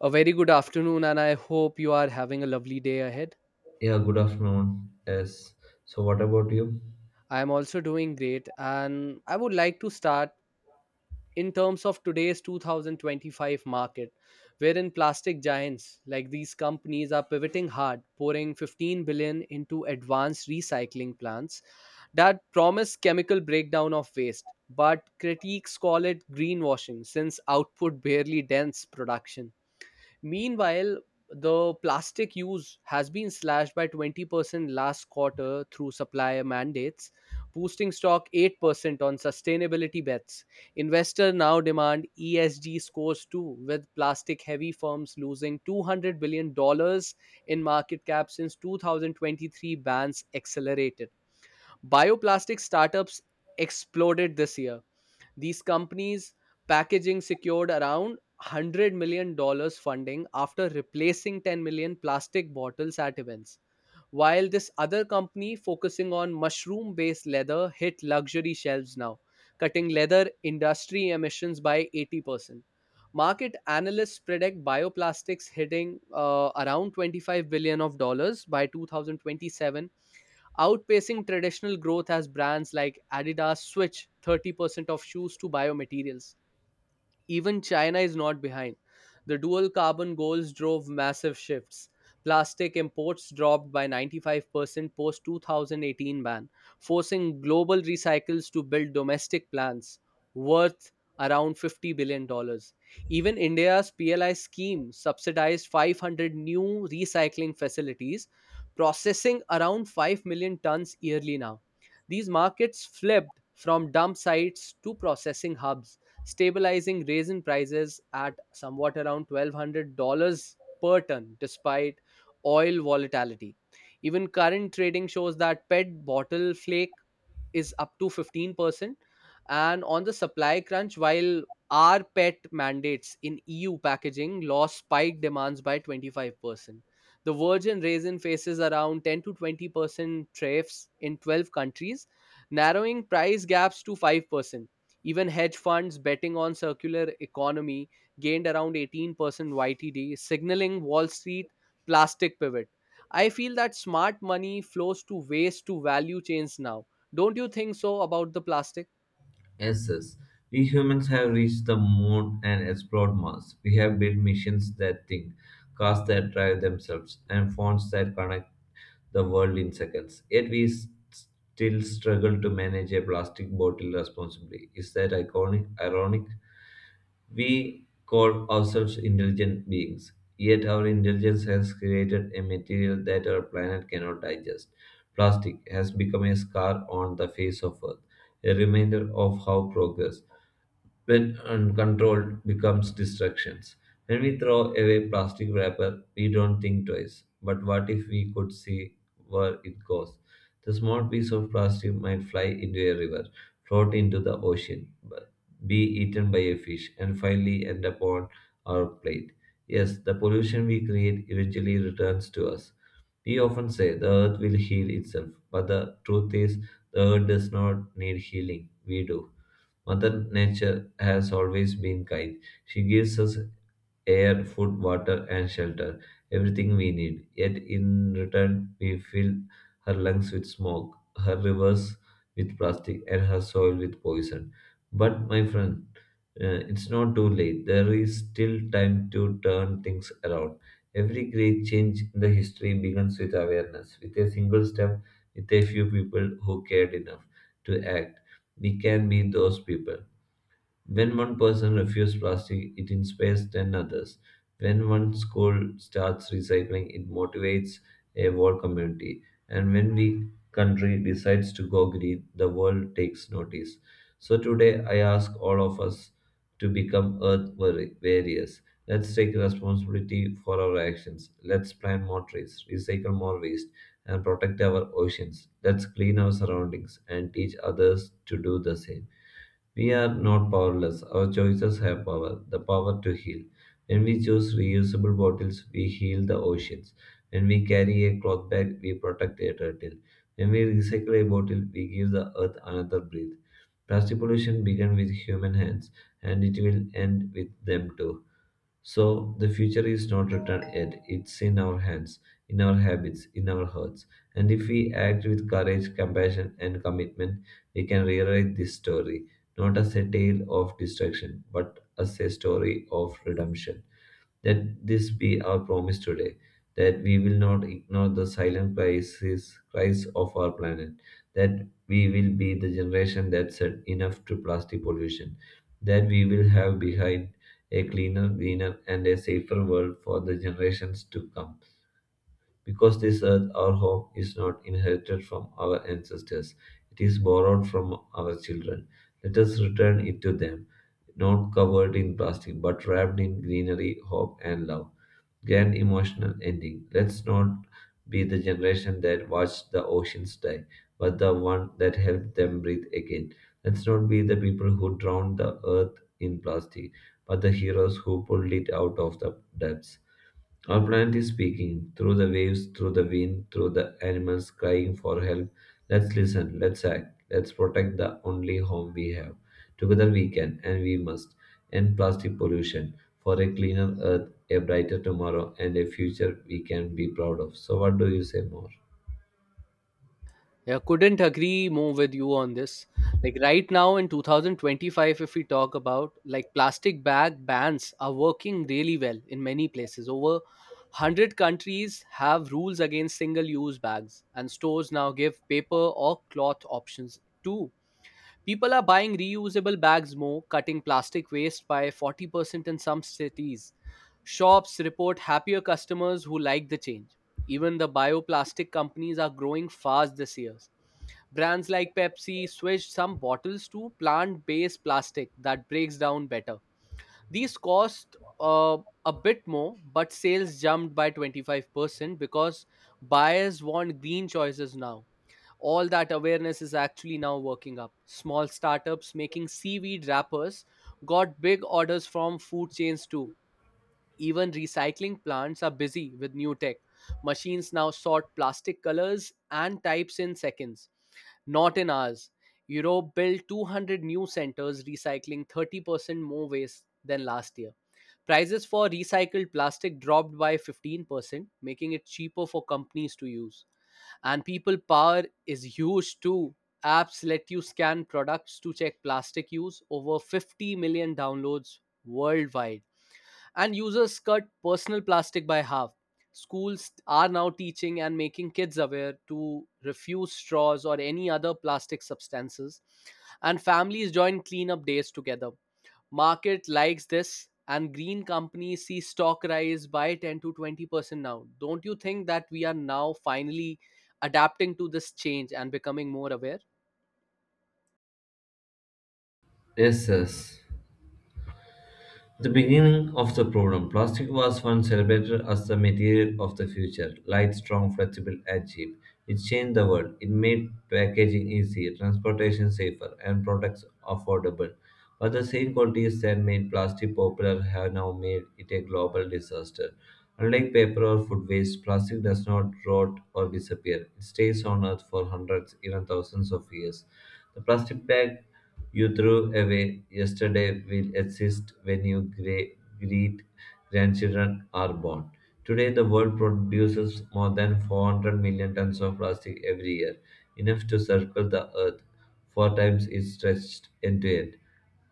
A very good afternoon, and I hope you are having a lovely day ahead. Yeah, good afternoon. Yes. So, what about you? I am also doing great, and I would like to start in terms of today's 2025 market, wherein plastic giants like these companies are pivoting hard, pouring 15 billion into advanced recycling plants that promise chemical breakdown of waste. But critiques call it greenwashing since output barely dents production. Meanwhile, the plastic use has been slashed by 20% last quarter through supplier mandates, boosting stock 8% on sustainability bets. Investors now demand ESG scores too, with plastic heavy firms losing $200 billion dollars in market cap since 2023 bans accelerated. Bioplastic startups exploded this year. These companies packaging secured around $100 million funding after replacing 10 million plastic bottles at events. While this other company focusing on mushroom based leather hit luxury shelves now, cutting leather industry emissions by 80%. Market analysts predict bioplastics hitting around 25 billion of dollars by 2027, outpacing traditional growth as brands like Adidas switch 30% of shoes to biomaterials. Even China is not behind. The dual carbon goals drove massive shifts. Plastic imports dropped by 95% post 2018 ban, forcing global recycles to build domestic plants worth around $50 billion dollars. Even India's PLI scheme subsidized 500 new recycling facilities, processing around 5 million tons yearly now. These markets flipped from dump sites to processing hubs, stabilizing raisin prices at somewhat around $1,200 per ton despite oil volatility. Even current trading shows that PET bottle flake is up to 15% and on the supply crunch, while our pet mandates in EU packaging law spiked demands by 25%. The virgin raisin faces around 10 to 20% tariffs in 12 countries, narrowing price gaps to 5%. Even hedge funds betting on circular economy gained around 18% YTD, signaling Wall Street plastic pivot. I feel that smart money flows to waste to value chains now, don't you think so about the plastic? Yes, yes. We humans have reached the moon and explored Mars. We have built missions that think, cars that drive themselves, and phones that connect the world in seconds. Yet we still struggle to manage a plastic bottle responsibly. Is that iconic? Ironic? We call ourselves intelligent beings, yet our intelligence has created a material that our planet cannot digest. Plastic has become a scar on the face of Earth, a reminder of how progress, when uncontrolled becomes distractions. When we throw away plastic wrapper, we don't think twice. But what if we could see where it goes? The small piece of plastic might fly into a river, float into the ocean, but be eaten by a fish, and finally end up on our plate. Yes, the pollution we create eventually returns to us. We often say the earth will heal itself, but the truth is the earth does not need healing. We do. Mother Nature has always been kind. She gives us air, food, water, and shelter, everything we need. Yet in return, we fill her lungs with smoke, her rivers with plastic, and her soil with poison. But, my friend, it's not too late. There is still time to turn things around. Every great change in the history begins with awareness, with a single step, with a few people who cared enough to act we can be those people. When one person refuses plastic, it inspires 10 others. When one school starts recycling, it motivates a whole community. And when we country decides to go green, the world takes notice. So today I ask all of us to become earth warriors. Let's take responsibility for our actions. Let's plant more trees, recycle more waste, and protect our oceans. Let's clean our surroundings and teach others to do the same. We are not powerless. Our choices have power, the power to heal. When we choose reusable bottles, we heal the oceans. When we carry a cloth bag, we protect a turtle. When we recycle a bottle, we give the earth another breath. Plastic pollution began with human hands, and it will end with them too. So the future is not written yet. It's in our hands, in our habits, in our hearts. And if we act with courage, compassion, and commitment, we can rewrite this story, not as a tale of destruction, but as a story of redemption. Let this be our promise today that we will not ignore the silent crisis, cries of our planet, that we will be the generation that said enough to plastic pollution, that we will have behind a cleaner, greener, and a safer world for the generations to come. Because this earth, our home, is not inherited from our ancestors, it is borrowed from our children. Let us return it to them, not covered in plastic, but wrapped in greenery, hope, and love grand emotional ending. Let's not be the generation that watched the oceans die, but the one that helped them breathe again. Let's not be the people who drowned the earth in plastic, but the heroes who pulled it out of the depths. Our planet is speaking through the waves, through the wind, through the animals crying for help. Let's listen, let's act, let's protect the only home we have. Together we can and we must end plastic pollution for a cleaner earth, a brighter tomorrow, and a future we can be proud of. So, what do you say more? Yeah, couldn't agree more with you on this. Like right now in 2025, if we talk about like plastic bag bans are working really well in many places. Over 100 countries have rules against single use bags, and stores now give paper or cloth options too. People are buying reusable bags more, cutting plastic waste by 40% in some cities. Shops report happier customers who like the change. Even the bioplastic companies are growing fast this year. Brands like Pepsi switched some bottles to plant based plastic that breaks down better. These cost a bit more, but sales jumped by 25% because buyers want green choices now. All that awareness is actually now working up. Small startups making seaweed wrappers got big orders from food chains too. Even recycling plants are busy with new tech. Machines now sort plastic colors and types in seconds, not in hours. Europe built 200 new centers recycling 30% more waste than last year. Prices for recycled plastic dropped by 15%, making it cheaper for companies to use. And people power is huge too. Apps let you scan products to check plastic use, over 50 million downloads worldwide. And users cut personal plastic by half. Schools are now teaching and making kids aware to refuse straws or any other plastic substances. And families join cleanup days together. Market likes this, and green companies see stock rise by 10 to 20% now. Don't you think that we are now finally adapting to this change and becoming more aware? Yes, yes. The beginning of the problem, plastic was once celebrated as the material of the future, light, strong, flexible, and cheap. It changed the world. It made packaging easier, transportation safer, and products affordable. But the same qualities that made plastic popular have now made it a global disaster. Unlike paper or food waste, plastic does not rot or disappear. It stays on Earth for hundreds, even thousands of years. The plastic bag you threw away yesterday will exist when you great grandchildren are born. Today, the world produces more than 400 million tons of plastic every year, enough to circle the earth four times its stretched end to end.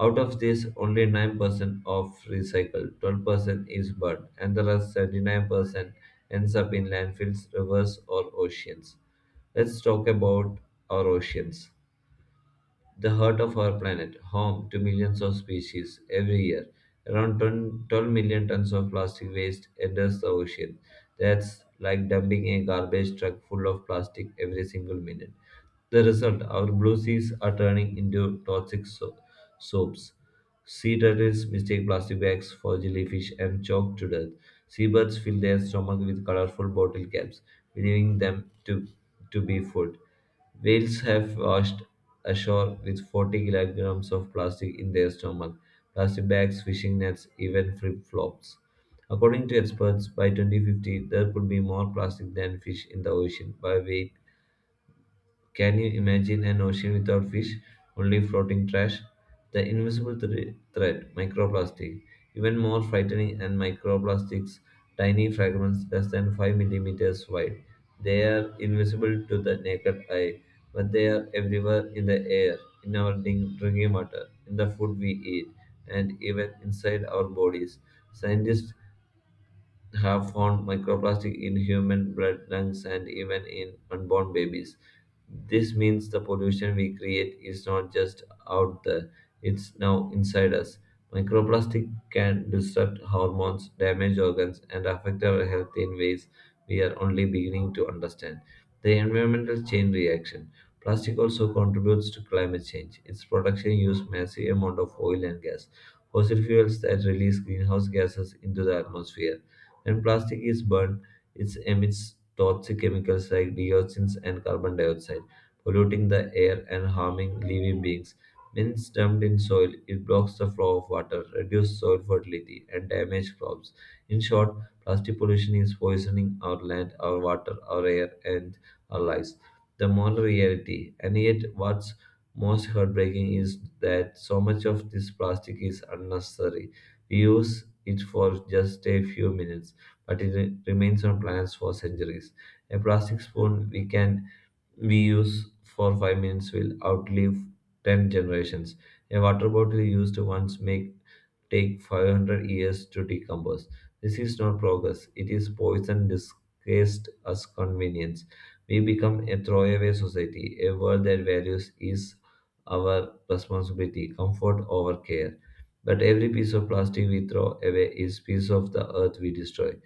Out of this, only 9% of recycled, 12% is burned, and the rest 79% ends up in landfills, rivers, or oceans. Let's talk about our oceans the heart of our planet, home to millions of species every year. Around 10 12 million tons of plastic waste enters the ocean. That's like dumping a garbage truck full of plastic every single minute. The result, our blue seas are turning into toxic soaps. Sea turtles mistake plastic bags for jellyfish and choke to death. Seabirds fill their stomach with colorful bottle caps, believing them to be food. Whales have washed ashore with 40 kilograms of plastic in their stomach, plastic bags, fishing nets, even flip flops. According to experts, by 2050, there could be more plastic than fish in the ocean by weight can you imagine an ocean without fish, only floating trash? The invisible threat, microplastic, even more frightening, and microplastics, tiny fragments less than 5 millimeters wide. They are invisible to the naked eye, but they are everywhere in the air, in our drinking water, in the food we eat, and even inside our bodies. Scientists have found microplastic in human blood, lungs, and even in unborn babies. This means the pollution we create is not just out there, it's now inside us. Microplastic can disrupt hormones, damage organs, and affect our health in ways we are only beginning to understand. The environmental chain reaction. Plastic also contributes to climate change. Its production uses massive amount of oil and gas, fossil fuels that release greenhouse gases into the atmosphere when plastic is burned, it emits toxic chemicals like dioxins and carbon dioxide, polluting the air and harming living beings. When it's dumped in soil, it blocks the flow of water, reduces soil fertility, and damages crops. In short, plastic pollution is poisoning our land, our water, our air, and our lives. The moral reality, and yet what's most heartbreaking is that so much of this plastic is unnecessary. We use it for just a few minutes but it remains on planets for centuries. A plastic spoon we can we use for 5 minutes will outlive 10 generations. A water bottle used once make take 500 years to decompose. This is not progress. It is poison disguised as convenience. We become a throwaway society, a world that values is our responsibility, comfort over care. But every piece of plastic we throw away is piece of the earth we destroy.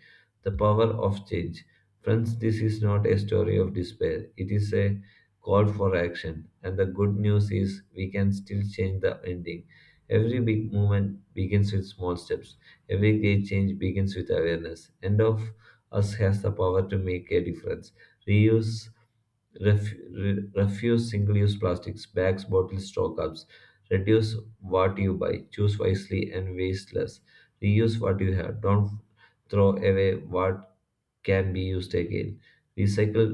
The power of change. Friends, this is not a story of despair. It is a call for action. And the good news is we can still change the ending. Every big movement begins with small steps. Every great change begins with awareness. And of us has the power to make a difference. Reuse refuse single-use plastics, bags, bottles, straw cups. Reduce what you buy. Choose wisely and waste less. Reuse what you have. Don't throw away what can be used again. Recycle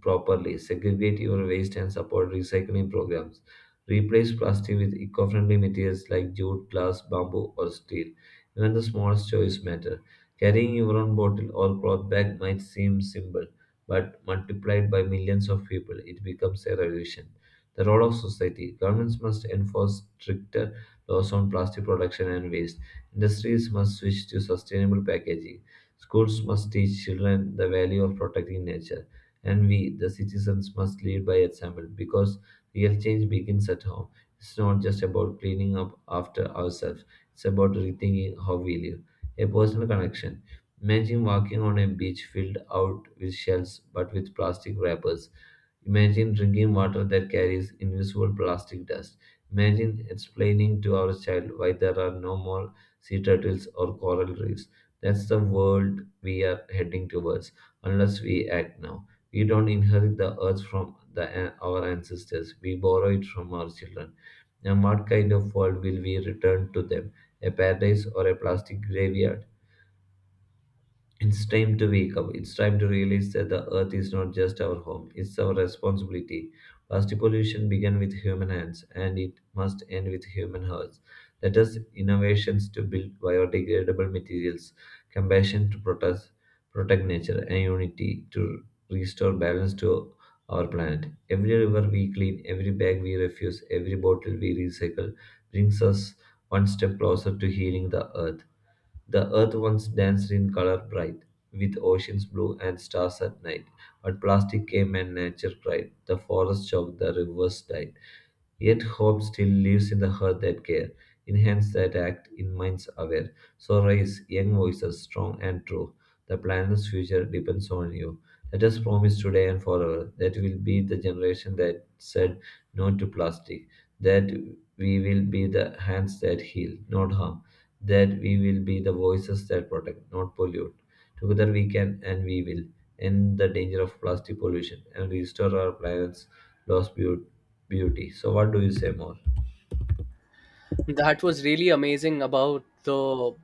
properly, segregate your waste and support recycling programs. Replace plastic with eco friendly materials like jute, glass, bamboo, or steel. Even the smallest choice matter. Carrying your own bottle or cloth bag might seem simple, but multiplied by millions of people, it becomes a revolution. The role of society governments must enforce stricter laws on plastic production and waste Industries must switch to sustainable packaging. Schools must teach children the value of protecting nature. And we, the citizens, must lead by example because real change begins at home. It's not just about cleaning up after ourselves, it's about rethinking how we live. A personal connection. Imagine walking on a beach filled out with shells but with plastic wrappers. Imagine drinking water that carries invisible plastic dust. Imagine explaining to our child why there are no more sea turtles, or coral reefs. That's the world we are heading towards unless we act now. We don't inherit the earth from our ancestors, we borrow it from our children. And what kind of world will we return to them? A paradise or a plastic graveyard? It's time to wake up. It's time to realize that the earth is not just our home, it's our responsibility. Plastic pollution began with human hands and it must end with human hearts. Let us innovations to build biodegradable materials, compassion to protect nature, and unity to restore balance to our planet. Every river we clean, every bag we refuse, every bottle we recycle brings us one step closer to healing the earth. The earth once danced in color bright, with oceans blue and stars at night. But plastic came and nature cried. The forest choked, the rivers died. Yet hope still lives in the heart that care, in hands that act, in minds aware. So raise young voices, strong and true. The planet's future depends on you. Let us promise today and forever that we'll be the generation that said no to plastic, that we will be the hands that heal, not harm, that we will be the voices that protect, not pollute. Together we can and we will end the danger of plastic pollution and restore our planet's lost beauty. So, what do you say more? That was really amazing about the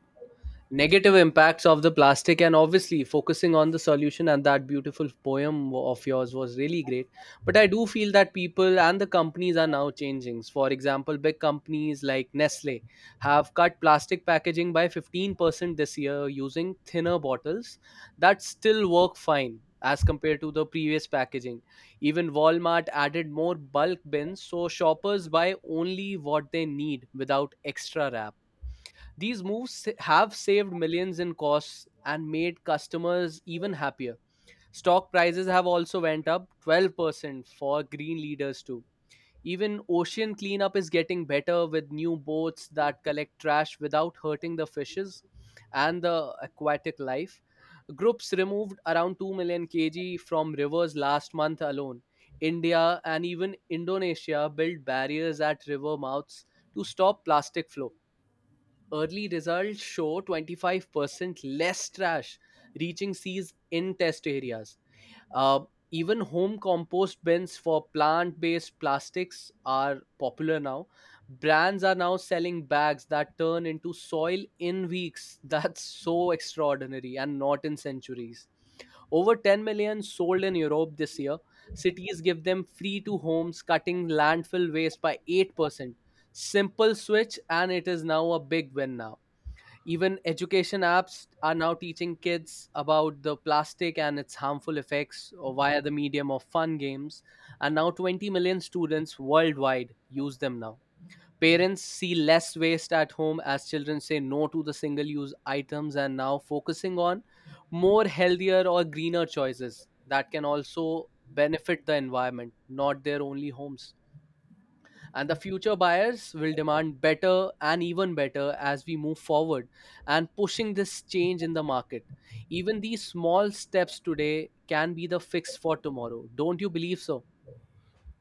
negative impacts of the plastic and obviously focusing on the solution, and that beautiful poem of yours was really great. But I do feel that people and the companies are now changing. For example, big companies like Nestle have cut plastic packaging by 15% this year using thinner bottles that still work fine as compared to the previous packaging. Even Walmart added more bulk bins so shoppers buy only what they need without extra wrap. These moves have saved millions in costs and made customers even happier. Stock prices have also went up 12% for green leaders too. Even ocean cleanup is getting better with new boats that collect trash without hurting the fishes and the aquatic life. Groups removed around 2 million kg from rivers last month alone. India and even Indonesia built barriers at river mouths to stop plastic flow. Early results show 25% less trash reaching seas in test areas. Uh, Even home compost bins for plant based plastics are popular now. Brands are now selling bags that turn into soil in weeks. That's so extraordinary and not in centuries. Over 10 million sold in Europe this year. Cities give them free to homes, cutting landfill waste by 8%. Simple switch, and it is now a big win now. Even education apps are now teaching kids about the plastic and its harmful effects via the medium of fun games. And now 20 million students worldwide use them now. Parents see less waste at home as children say no to the single use items and now focusing on more healthier or greener choices that can also benefit the environment, not their only homes. And the future buyers will demand better and even better as we move forward, and pushing this change in the market. Even these small steps today can be the fix for tomorrow. Don't you believe so?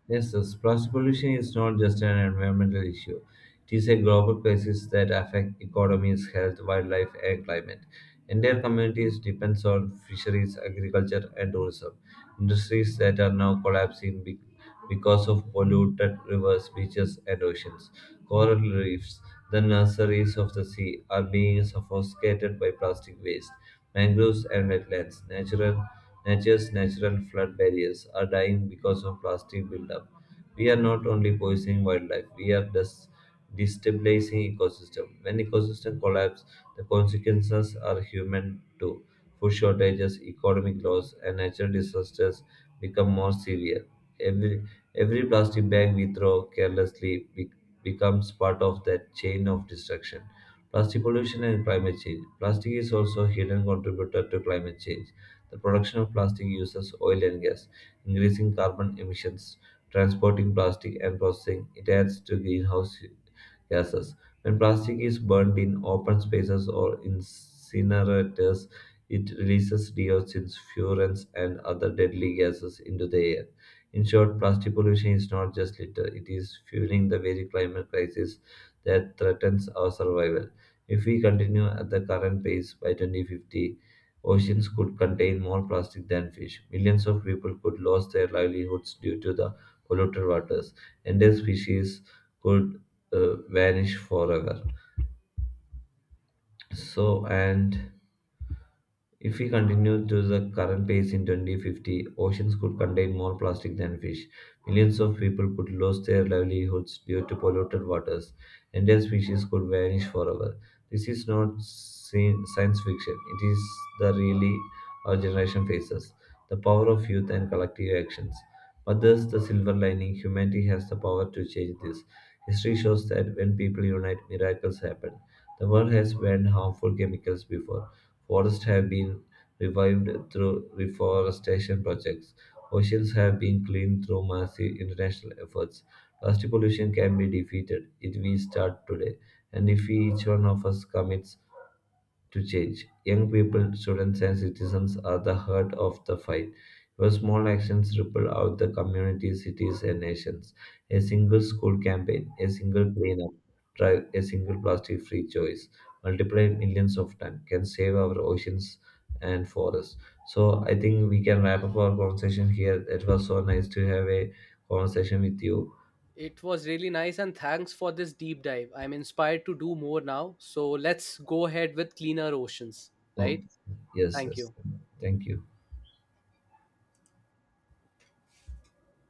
Yes, thus plastic pollution is not just an environmental issue. It is a global crisis that affects economies, health, wildlife, and climate. Entire communities depend on fisheries, agriculture, and tourism. Industries that are now collapsing because of polluted rivers, beaches, and oceans. Coral reefs, the nurseries of the sea, are being suffocated by plastic waste. Mangroves and wetlands, natural Nature's natural flood barriers are dying because of plastic buildup. We are not only poisoning wildlife, we are dis destabilizing ecosystem. When ecosystem collapse, the consequences are human too. Food shortages, economic loss, and natural disasters become more severe. Every, every plastic bag we throw carelessly becomes part of that chain of destruction. Plastic pollution and climate change. Plastic is also a hidden contributor to climate change. The production of plastic uses oil and gas, increasing carbon emissions. Transporting plastic and processing it adds to greenhouse gases. When plastic is burned in open spaces or incinerators, it releases dioxins, furans, and other deadly gases into the air. In short, plastic pollution is not just litter, it is fueling the very climate crisis that threatens our survival. If we continue at the current pace by 2050, oceans could contain more plastic than fish. Millions of people could lose their livelihoods due to the polluted waters. Endangered species could vanish forever. So, and If we continue to the current pace in 2050, oceans could contain more plastic than fish. Millions of people could lose their livelihoods due to polluted waters. Entire species could vanish forever. This is not science fiction, it is the really our generation faces the power of youth and collective actions. But there's the silver lining humanity has the power to change this. History shows that when people unite, miracles happen. The world has banned harmful chemicals before Forests have been revived through reforestation projects. Oceans have been cleaned through massive international efforts. Plastic pollution can be defeated if we start today, and if we, each one of us commits to change. Young people, students, and citizens are the heart of the fight. Your small actions ripple out the community, cities, and nations. A single school campaign, a single cleanup, drive, a single plastic free choice, multiplied millions of times, can save our oceans and forests. So, I think we can wrap up our conversation here. It was so nice to have a conversation with you. It was really nice, and thanks for this deep dive. I'm inspired to do more now. So let's go ahead with cleaner oceans. Oh, Right, yes, thank yes. you. Thank you.